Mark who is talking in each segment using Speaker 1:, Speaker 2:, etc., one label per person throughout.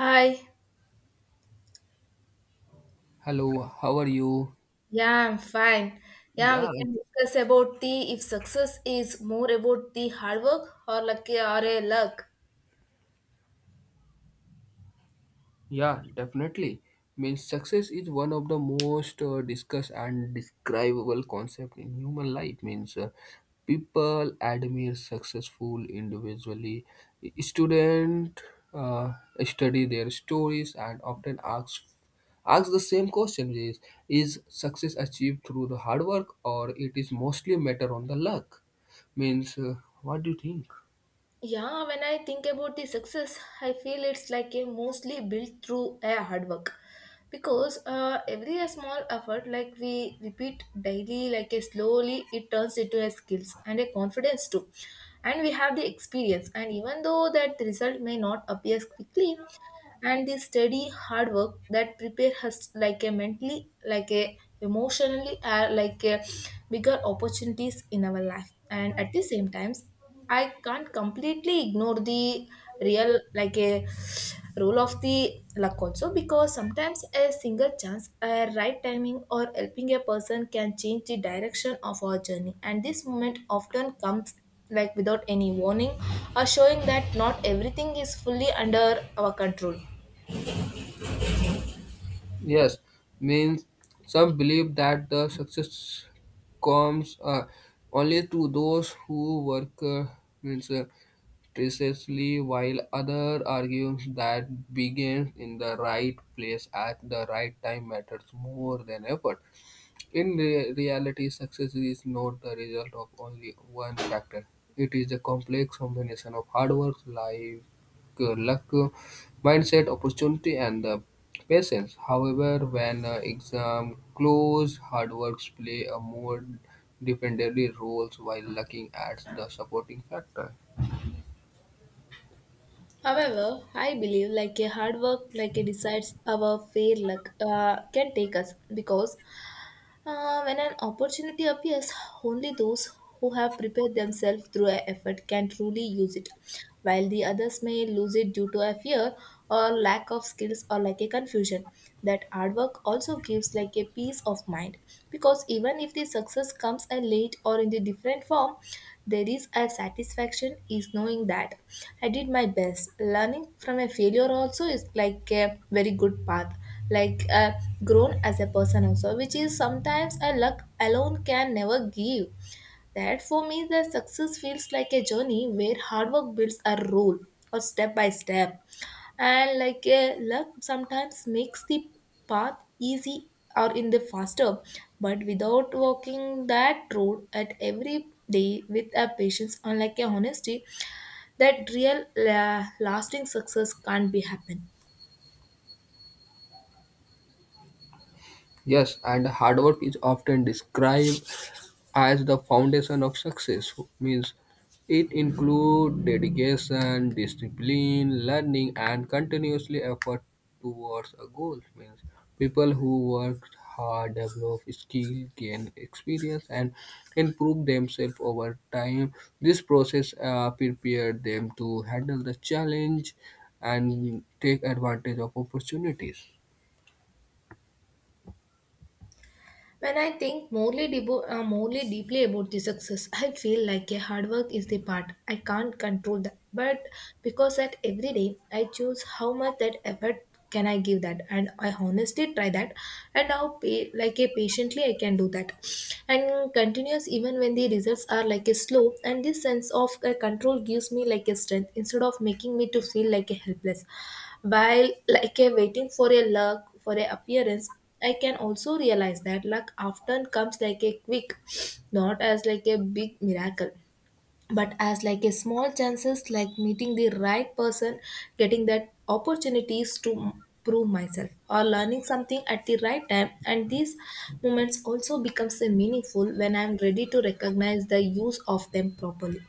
Speaker 1: Hi.
Speaker 2: Hello, how are you?
Speaker 1: Yeah, I'm fine. Yeah,
Speaker 2: Yeah,
Speaker 1: we
Speaker 2: like,
Speaker 1: can discuss about the if success is more about the hard work or lucky or a luck.
Speaker 2: yeah, definitely. Means success is one of the most discussed and describable concept in human life. Means People admire successful individually. Student uh, study their stories and often ask the same question: is success achieved through the hard work or it is mostly matter on the luck? Means What do you think?
Speaker 1: Yeah, when I think about the success, I feel it's like a mostly built through a hard work because every a small effort like we repeat daily like a slowly it turns into a skills and a confidence too, and we have the experience and even though that the result may not appear quickly, and the steady hard work that prepare us like a mentally like a emotionally like a bigger opportunities in our life. And at the same times I can't completely ignore the real like a role of the luck also, because sometimes a single chance, a right timing or helping a person can change the direction of our journey, and this moment often comes like without any warning or showing that not everything is fully under our control.
Speaker 2: Yes, means some believe that the success comes only to those who work means precisely, while others argue that begins in the right place at the right time matters more than effort. In reality, success is not the result of only one factor. It is a complex combination of hard work, life, luck, mindset, opportunity, and patience. However, when exam close, hard works play a more defendable role while looking at the supporting factor.
Speaker 1: However, I believe like a hard work, like a decides our fair luck, can take us because when an opportunity appears, only those who have prepared themselves through a effort can truly use it, while the others may lose it due to a fear or lack of skills or like a confusion. That hard work also gives like a peace of mind, because even if the success comes a late or in the different form, there is a satisfaction is knowing that I did my best. Learning from a failure also is like a very good path, like grown as a person also, which is sometimes a luck alone can never give. That for me, the success feels like a journey where hard work builds a role or step by step. And like luck sometimes makes the path easy or in the faster, but without walking that road at every day with a patience, unlike a honesty, that real lasting success can't be happen.
Speaker 2: Yes, and hard work is often described as the foundation of success. Means it includes dedication, discipline, learning, and continuously effort towards a goal. Means people who work hard develop skill, gain experience, and improve themselves over time. This process prepared them to handle the challenge and take advantage of opportunities.
Speaker 1: When I think morely, morely deeply about the success, I feel like a hard work is the part. I can't control that. But because that every day I choose how much that effort can I give that, and I honestly try that, and how like a patiently I can do that and continuous even when the results are like a slow. And this sense of control gives me like a strength instead of making me to feel like a helpless while like a waiting for a luck for a appearance. I can also realize that luck often comes like a quick, not as like a big miracle but as like a small chances, like meeting the right person, getting that opportunities to prove myself, or learning something at the right time. And these moments also becomes a meaningful when I'm ready to recognize the use of them properly.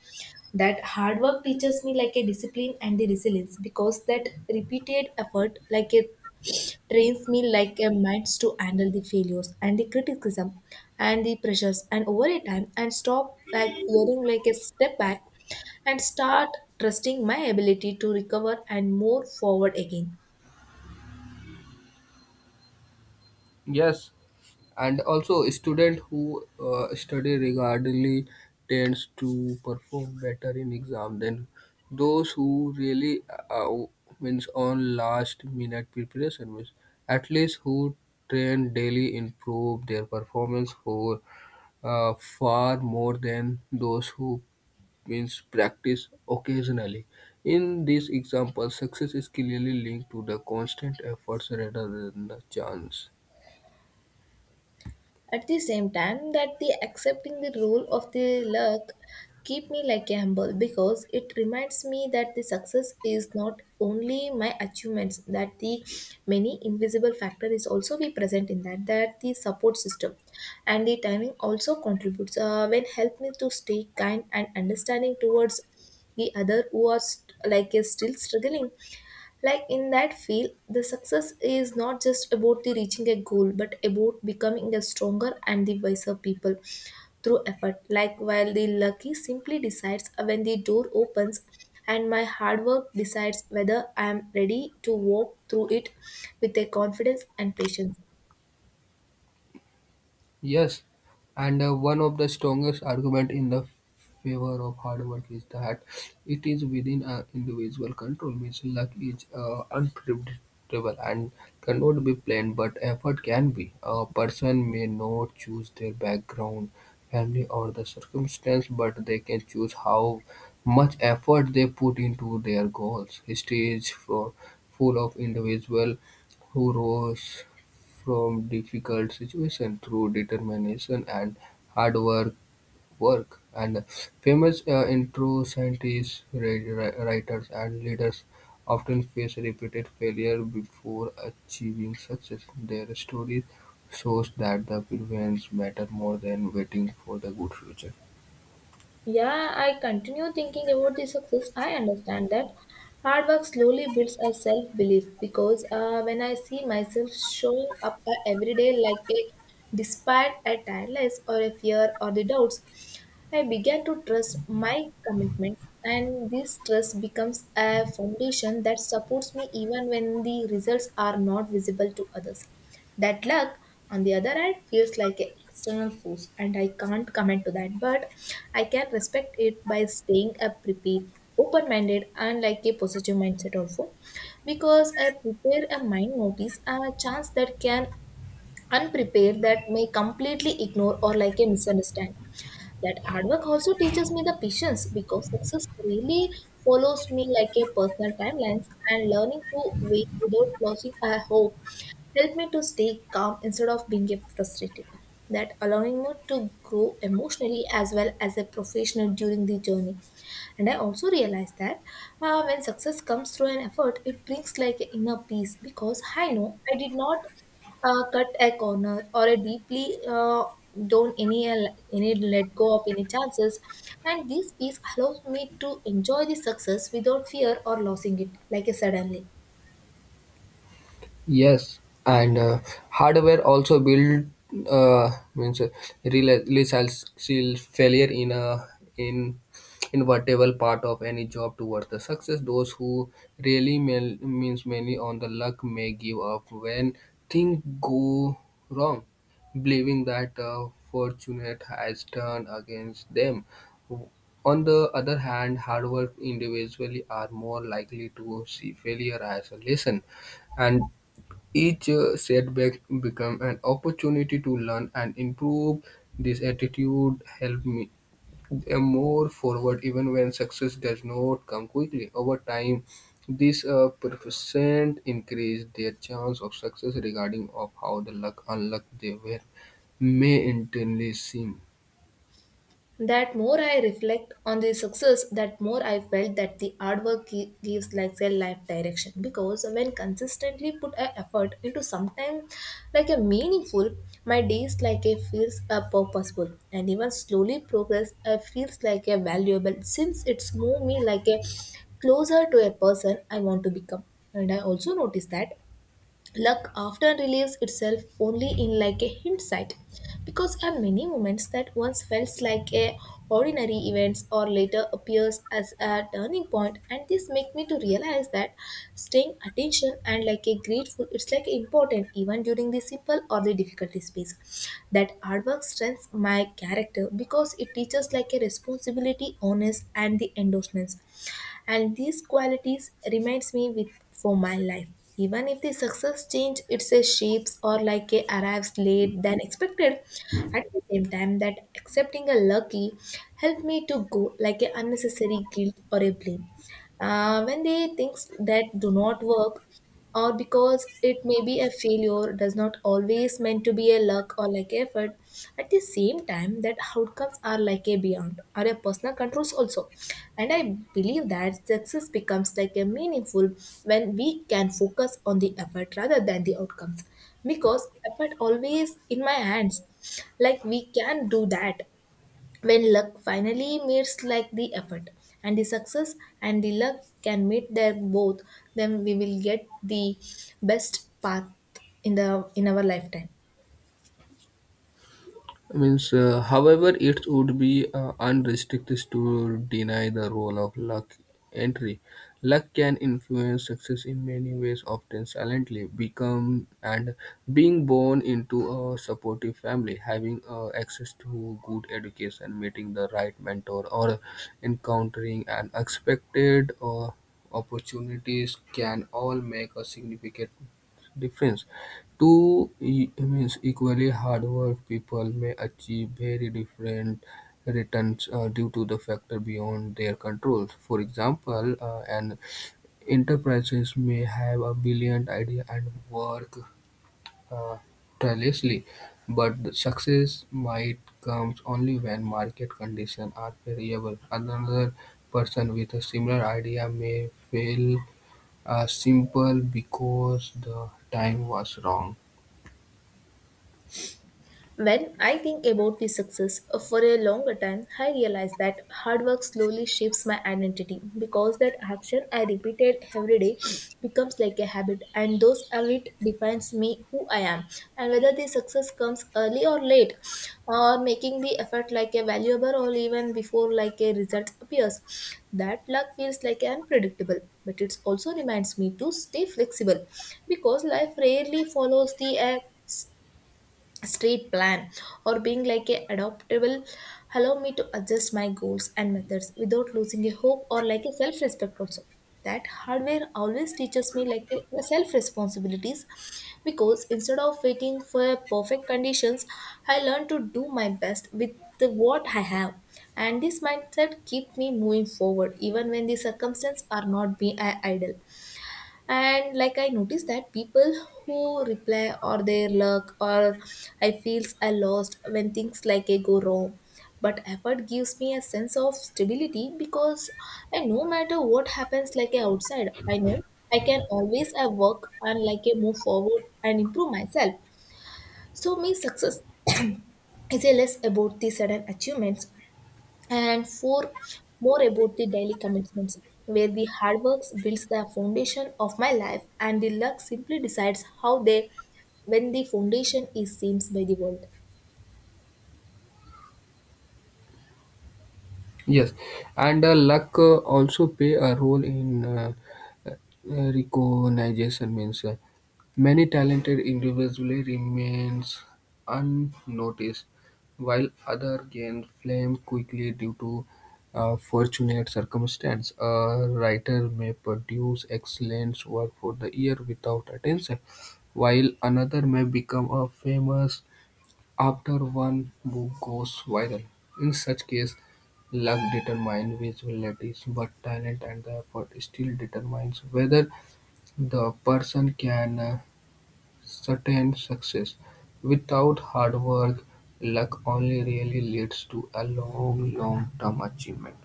Speaker 1: That hard work teaches me like a discipline and the resilience, because that repeated effort like a trains me like a minds to handle the failures and the criticism and the pressures, and over a time and stop like fearing like a step back and start trusting my ability to recover and move forward again.
Speaker 2: Yes, and also student who study regularly tends to perform better in exam than those who really uh, means on last minute preparation means at least who train daily improve their performance for far more than those who means practice occasionally. In this example, success is clearly linked to the constant efforts rather than the chance.
Speaker 1: At the same time that the accepting the role of the luck keep me like a humble, because it reminds me that the success is not only my achievements, that the many invisible factor is also be present in that, that the support system and the timing also contributes when help me to stay kind and understanding towards the other who are like is still struggling like in that field. The success is not just about the reaching a goal, but about becoming a stronger and the wiser people through effort. Like while the lucky simply decides when the door opens, and my hard work decides whether I am ready to walk through it with a confidence and patience.
Speaker 2: Yes, and one of the strongest argument in the favor of hard work is that it is within our individual control. Means luck is unpredictable and cannot be planned, but effort can be. A person may not choose their background, family, or the circumstance, but they can choose how much effort they put into their goals. History is for, full of individuals who rose from difficult situations through determination and hard work. And famous intro scientists, writers, and leaders often face repeated failure before achieving success. Their story shows that the prevents matter more than waiting for the good future.
Speaker 1: Yeah, I continue thinking about the success. I understand that hard work slowly builds a self belief, because when I see myself showing up every day like a despite a tiredness or a fear or the doubts, I began to trust my commitments, and this trust becomes a foundation that supports me even when the results are not visible to others. That luck, on the other hand, feels like an external force, and I can't comment to that, but I can respect it by staying a prepared, open minded, and like a positive mindset also. Because I prepare a mind notice, a chance that can unprepared that may completely ignore or like a misunderstand. That hard work also teaches me the patience, because success really follows me like a personal timelines, and learning to wait without losing a hope helped me to stay calm instead of being frustrated. That allowing me to grow emotionally as well as a professional during the journey. And I also realized that when success comes through an effort, it brings like an inner peace, because I know I did not cut a corner or a deeply down any let go of any chances, and this peace allows me to enjoy the success without fear or losing it like a suddenly.
Speaker 2: Yes, and hardware also build uh, means resilience failure in a in invertible part of any job towards the success. Those who really means many on the luck may give up when things go wrong, believing that fortune has turned against them. On the other hand, hard work individually are more likely to see failure as a lesson and each setback became an opportunity to learn and improve. This attitude helped me a more forward even when success does not come quickly. Over time, this percent increase their chance of success regarding of how the luck unluck they were may internally seem.
Speaker 1: That more I reflect on the success, that more I felt that the hard work gives like a life direction. Because when consistently put a effort into something like a meaningful, my days like a feels a purposeful, and even slowly progress feels like a valuable since it's move me like a closer to a person I want to become. And I also notice that luck often relieves itself only in like a hindsight, because there are many moments that once felt like a ordinary events or later appears as a turning point, and this make me to realize that staying attention and like a grateful it's like important even during the simple or the difficulty space. That hard work strengthens my character, because it teaches like a responsibility, honest, and the endorsements, and these qualities reminds me with for my life even if the success change it's a shapes or like a arrives late than expected. At the same time that accepting a lucky helped me to go like a unnecessary guilt or a blame when they things that do not work, or because it may be a failure does not always meant to be a luck or like effort. At the same time, that outcomes are like a beyond or a personal controls also. And I believe that success becomes like a meaningful when we can focus on the effort rather than the outcomes. Because effort always in my hands. Like we can do that when luck finally meets like the effort, and the success and the luck can meet their both, then we will get the best path in the in our lifetime.
Speaker 2: Means, however, it would be unrestricted to deny the role of luck entry. Luck can influence success in many ways, often silently. Become and being born into a supportive family, having access to good education, meeting the right mentor, or encountering an expected opportunities can all make a significant difference. Two means equally hard-working people may achieve very different returns due to the factor beyond their control. For example, an enterprises may have a brilliant idea and work uh, tirelessly, but the success might comes only when market conditions are favorable. Another person with a similar idea may fail simple because the time was wrong.
Speaker 1: When I think about the success for a longer time, I realize that hard work slowly shapes my identity, because that action I repeated every day becomes like a habit, and those habit defines me who I am. And whether the success comes early or late, or making the effort like a valuable or even before like a result appears, that luck feels like unpredictable. But it also reminds me to stay flexible, because life rarely follows the street plan or being like a adaptable allow me to adjust my goals and methods without losing a hope or like a self respect also. That hardware always teaches me like a self responsibilities, because instead of waiting for perfect conditions I learn to do my best with the what I have, and this mindset keep me moving forward even when the circumstances are not be idle. And like I noticed that people who reply or their luck or I feels I lost when things like a go wrong, but effort gives me a sense of stability, because I no matter what happens like a outside, I know I can always I work and like a move forward and improve myself. So me success is a less about the sudden achievements, and four more about the daily commitments, where the hard work builds the foundation of my life and the luck simply decides how they when the foundation is seen by the world.
Speaker 2: Yes, and luck also play a role in uh, recognition. Means Many talented individually remains unnoticed, while other gain fame quickly due to fortunate circumstance. A writer may produce excellent work for the year without attention, while another may become a famous after one book goes viral. In such case, luck determines visibilities, but talent and the effort still determines whether the person can sustain success. Without hard work, luck only really leads to a long, long-term achievement.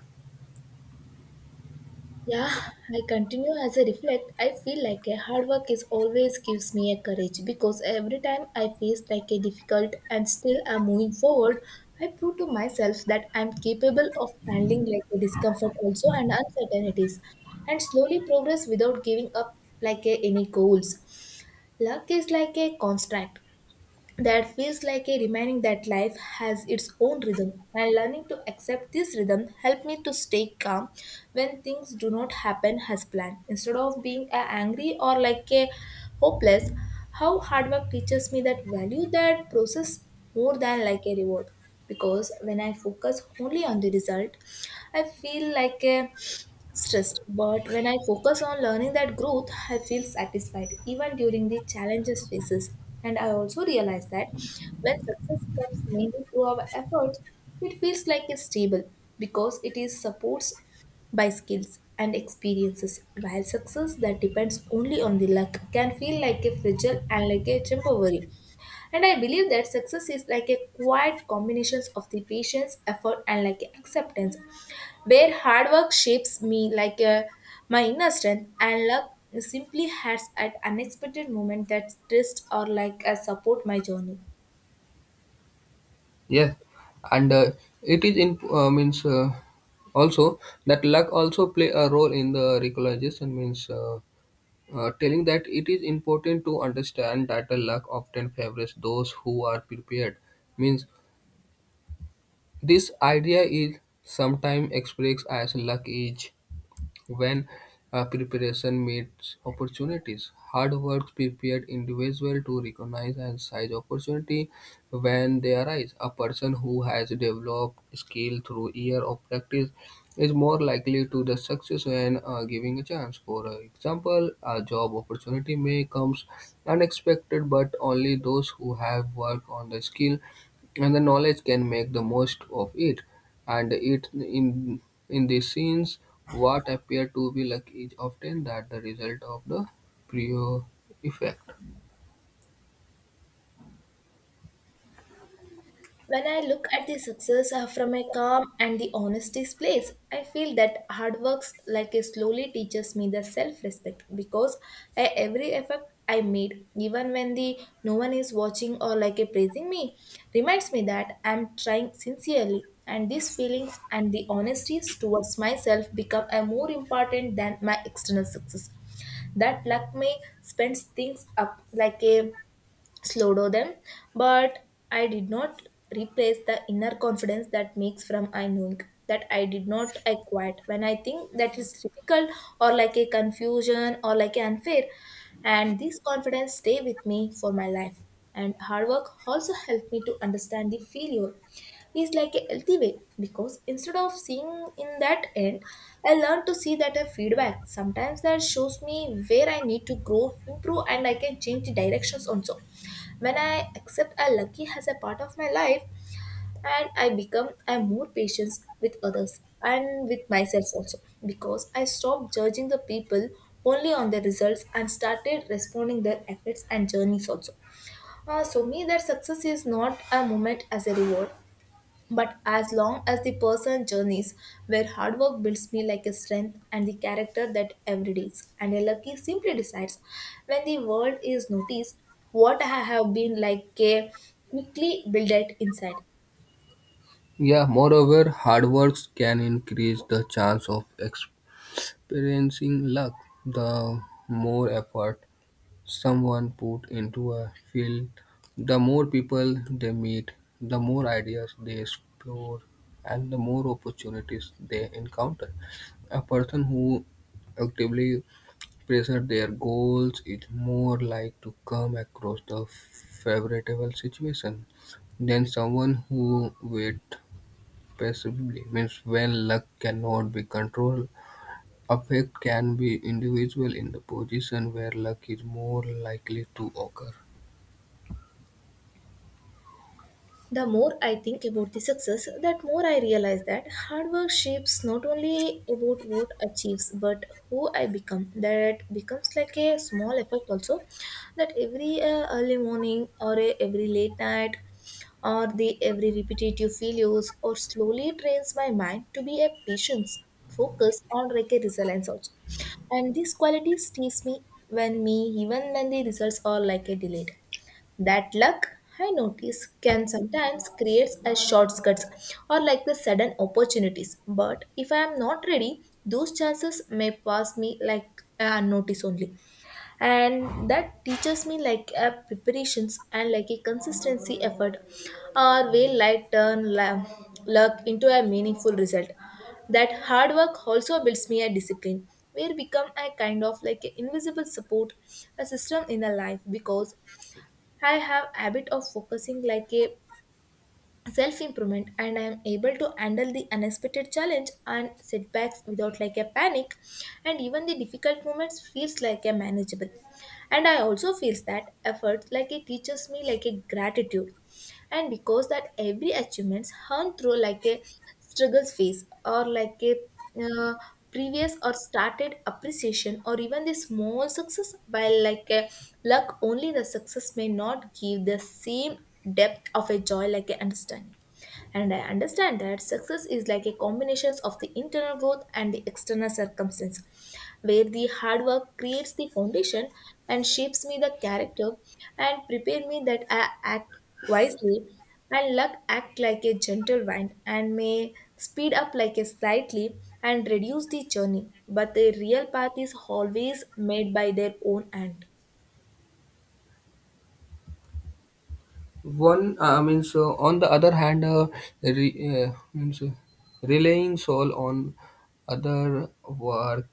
Speaker 1: Yeah, I continue as I reflect. I feel like a hard work is always gives me a courage, because every time I face like a difficult and still I'm moving forward, I prove to myself that I'm capable of handling like a discomfort also and uncertainties and slowly progress without giving up like a, any goals. Luck is like a construct that feels like a reminding that life has its own rhythm, and learning to accept this rhythm helped me to stay calm when things do not happen as planned, instead of being a angry or like a hopeless. How hard work teaches me that value that process more than like a reward, because when I focus only on the result I feel like a stressed. But when I focus on learning that growth, I feel satisfied even during the challenges phases. And I also realize that when success comes mainly through our efforts, it feels like it's stable because it is supports by skills and experiences. While success that depends only on the luck can feel like a fragile and like a temporary. And I believe that success is like a quiet combinations of the patience, effort, and like acceptance, where hard work shapes me like a, my inner strength, and luck simply has at unexpected moment that twist or like a support my journey.
Speaker 2: Yes, and it is in means also that luck also play a role in the recognition means. Telling that it is important to understand that the luck often favors those who are prepared means this idea is sometimes expressed as luck is when preparation meets opportunities, hard work prepared individual to recognize and seize opportunity when they arise. A person who has developed skill through year of practice is more likely to the success when giving a chance. For example, a job opportunity may comes unexpected, but only those who have worked on the skill and the knowledge can make the most of it. And it in these scenes, what appear to be luck is often that the result of the prior effect.
Speaker 1: When I look at the success from a calm and the honesty's place, I feel that hard works like a slowly teaches me the self-respect, because every effort I made, even when the no one is watching or like a praising me, reminds me that I'm trying sincerely. And these feelings and the honesties towards myself become a more important than my external success. That luck may spends things up like a slowed them, but I did not replace the inner confidence that makes from I knowing that I did not I quit when I think that is difficult or like a confusion or like a unfair, and this confidence stay with me for my life. And hard work also helped me to understand the failure is like a healthy way, because instead of seeing in that end, I learned to see that a feedback sometimes that shows me where I need to grow improve, and I can change the directions also. When I accept a lucky as a part of my life, and I become a more patient with others and with myself also, because I stopped judging the people only on their results and started responding their efforts and journeys also. So me that success is not a moment as a reward but as long as the person journeys, where hard work builds me like a strength and the character that every day is, and a lucky simply decides when the world is noticed what I have been like a quickly build it inside.
Speaker 2: Yeah, moreover, hard works can increase the chance of experiencing luck. The more effort someone put into a field, the more people they meet, the more ideas they explore, and the more opportunities they encounter. A person who actively pressure their goals is more like to come across the favorable situation than someone who wait passively. Means when luck cannot be controlled, effect can be individual in the position where luck is more likely to occur.
Speaker 1: The more I think about the success, that more I realize that hard work shapes not only about what achieves but who I become. That becomes like a small effect also. That every early morning or every late night or the every repetitive failures or slowly trains my mind to be a patience focus on like a resilience also. And these qualities teach me when me even when the results are like a delayed. That luck, I notice, can sometimes create a shortcuts or like the sudden opportunities. But if I am not ready, those chances may pass me like unnoticed only. And that teaches me like a preparations and like a consistency effort or way light luck into a meaningful result. That hard work also builds me a discipline where become a kind of like a invisible support a system in a life, because I have habit of focusing like a self improvement, and I am able to handle the unexpected challenge and setbacks without like a panic, and even the difficult moments feels like a manageable. And I also feels that effort like it teaches me like a gratitude, and because that every achievements earned through like a struggles phase or like a uh, previous or started appreciation or even the small success, while like a luck only the success may not give the same depth of a joy like a understanding. And I understand that success is like a combination of the internal growth and the external circumstance, where the hard work creates the foundation and shapes me the character and prepare me that I act wisely, and luck act like a gentle wind and may speed up like a slightly and reduce the journey, but the real path is always made by their own hand.
Speaker 2: One means On the other hand, re, means relying sole on other work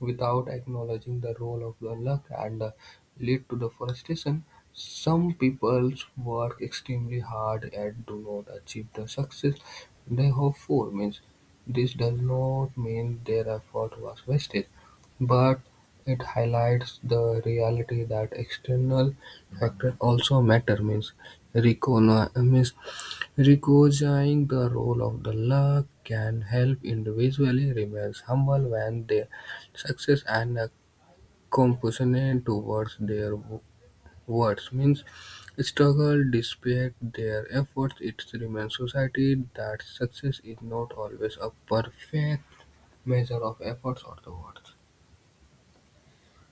Speaker 2: without acknowledging the role of the luck and lead to the frustration. Some people work extremely hard and do not achieve the success they hope for. Means this does not mean their effort was wasted, but it highlights the reality that external factors also matter. Means recognizing the role of the luck can help individually remain humble when their success and a compassionate towards their words means struggle despite their efforts. It remains society that success is not always a perfect measure of efforts or the worth.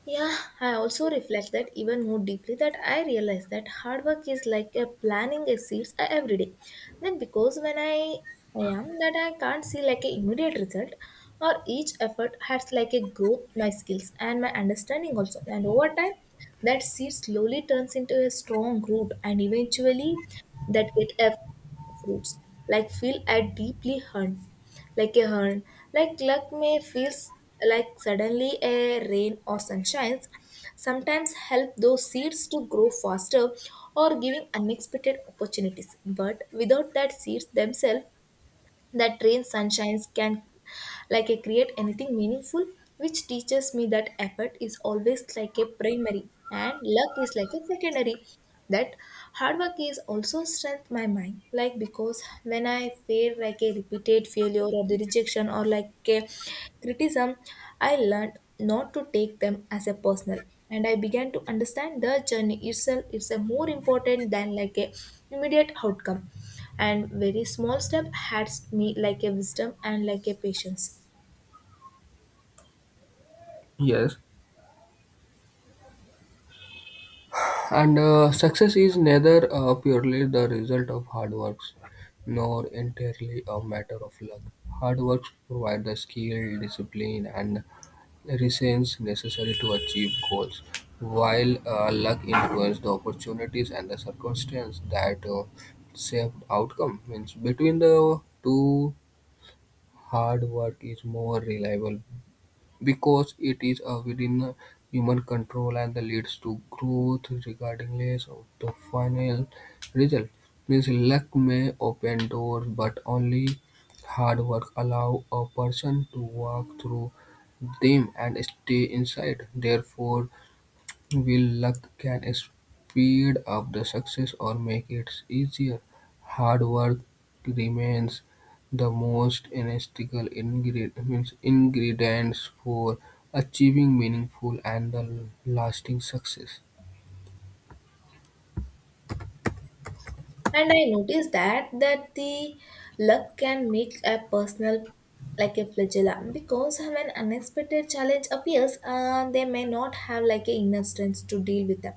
Speaker 1: Yeah, I also reflect that even more deeply that I realize that hard work is like a planting a seeds every day. Then because when I am that I can't see like a immediate result, or each effort has like a growth my skills and my understanding also, and over time that seed slowly turns into a strong root and eventually that get a fruits like feel a deeply hurt like a hurt. Like luck may feels like suddenly a rain or sunshines sometimes help those seeds to grow faster or giving unexpected opportunities, but without that seeds themselves, that rain sunshines can like a create anything meaningful, which teaches me that effort is always like a primary and luck is like a secondary. That hard work is also strength my mind, like because when I fail like a repeated failure or the rejection or like a criticism, I learned not to take them as a personal, and I began to understand the journey itself is a more important than like a immediate outcome, and very small step had me like a wisdom and like a patience.
Speaker 2: Yes. And success is neither purely the result of hard works nor entirely a matter of luck. Hard works provide the skill, discipline, and resilience necessary to achieve goals, while luck influences the opportunities and the circumstance that shape outcome. Means between the two, hard work is more reliable because it is within human control and leads to growth regardless of the final result. Means luck may open doors, but only hard work allow a person to walk through them and stay inside. Therefore, Wheel luck can speed up the success or make it easier; hard work remains the most essential ingredient means ingredients for achieving meaningful and the lasting success.
Speaker 1: And I noticed that the luck can make a personal like a flagella, because when unexpected challenge appears they may not have like a inner strength to deal with them,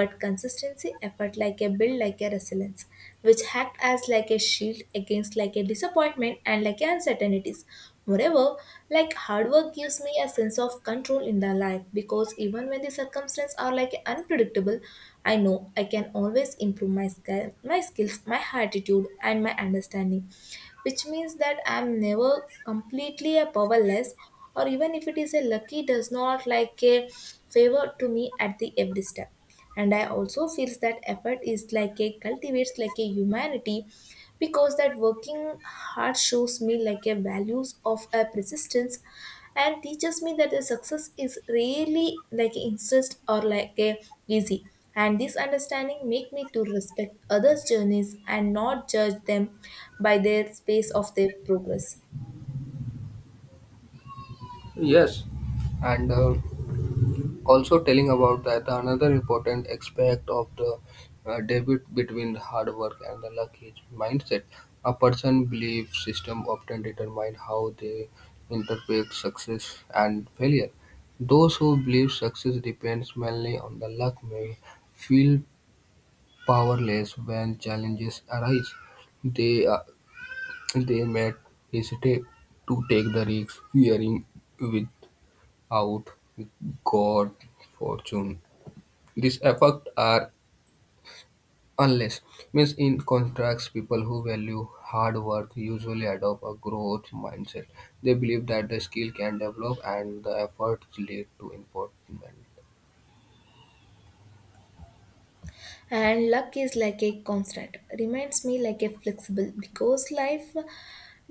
Speaker 1: but consistency effort like a build like a resilience, which act as like a shield against like a disappointment and like a uncertainties. Moreover, like hard work gives me a sense of control in the life, because even when the circumstances are like unpredictable, I know I can always improve my skills, my attitude, and my understanding, which means that I'm never completely a powerless, or even if it is a lucky does not like a favor to me at the every step. And I also feels that effort is like a cultivates like a humanity, because that working hard shows me like a values of a persistence and teaches me that the success is really like instant or like a easy, and this understanding make me to respect others journeys and not judge them by their space of their progress.
Speaker 2: Yes, and also telling about that another important aspect of the debate between the hard work and the luck is mindset. A person belief system often determine how they interpret success and failure. Those who believe success depends mainly on the luck may feel powerless when challenges arise. They uh, they may hesitate to take the risks, fearing without God fortune these effects are unless means in contracts people who value hard work usually adopt a growth mindset. They believe that the skill can develop and the efforts lead to improvement.
Speaker 1: And luck is like a constant reminds me like a flexible, because life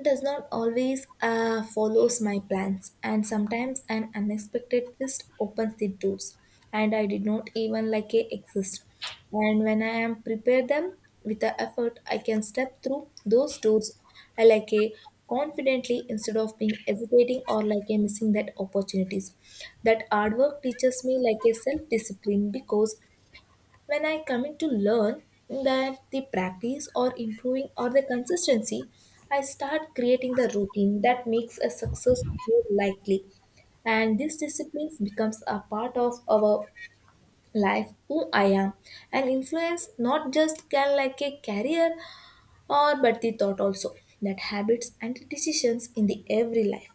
Speaker 1: does not always follows my plans, and sometimes an unexpected twist opens the doors and I did not even like a exist, and when I am prepared them with the effort, I can step through those doors I like a confidently, instead of being hesitating or like a missing that opportunities. That hard work teaches me like a self discipline, because when I commit to learn that the practice or improving or the consistency, I start creating the routine that makes a success more likely. And this discipline becomes a part of our life, who I am, and influence not just can like a career or but the thought also, that habits and decisions in the every life.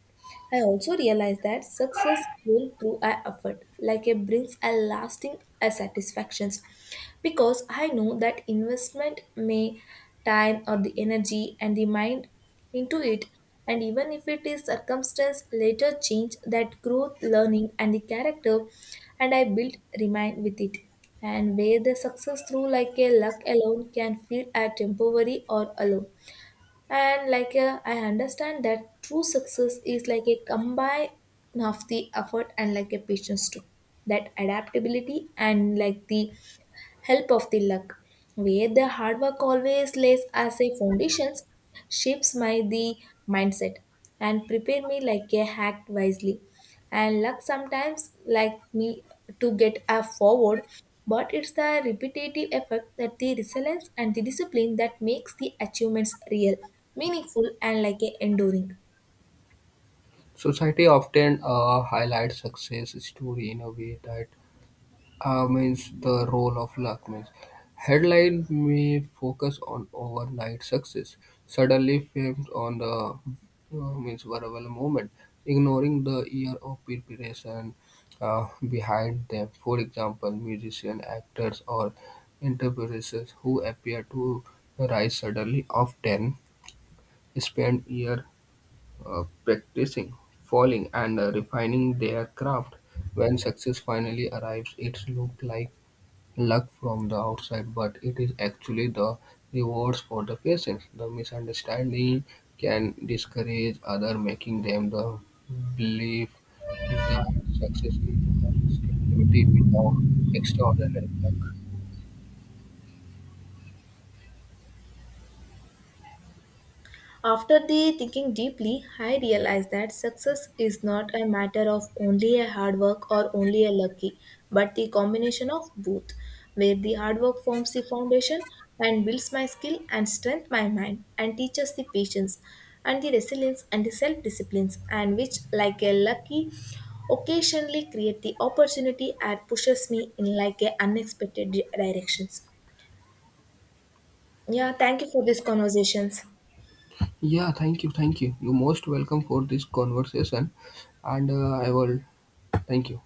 Speaker 1: I also realized that success built through our effort, like it brings a lasting satisfactions, because I know that investment may time or the energy and the mind into it, and even if it is circumstance later change, that growth, learning, and the character, and I built remain with it. And where the success through like a luck alone can feel a temporary or alone, and like I understand that true success is like a combine of the effort and like a patience too, that adaptability and like the help of the luck, where the hard work always lays as a foundation, shapes my the mindset, and prepare me like a hack wisely. And luck sometimes like me to get a forward, but it's the repetitive effort that the resilience and the discipline that makes the achievements real, meaningful, and like a enduring.
Speaker 2: Society often highlights success story in a way that means the role of luck means headline may focus on overnight success suddenly fame on the means viral moment ignoring the year of preparation behind them, for example musicians, actors or entrepreneurs who appear to rise suddenly often spend year practicing falling and refining their craft. When success finally arrives it looks like luck from the outside, but it is actually the rewards for the patience. The misunderstanding can discourage others, making them the belief that success is a stability without extraordinary luck.
Speaker 1: After the thinking deeply, I realized that success is not a matter of only a hard work or only a lucky, but the combination of both, where the hard work forms the foundation and builds my skill and strength my mind and teaches the patience and the resilience and the self-disciplines, and which like a lucky occasionally create the opportunity and pushes me in like a unexpected directions. Yeah, thank you for these conversations.
Speaker 2: Yeah, thank you, thank you. You're most welcome for this conversation, and I will thank you.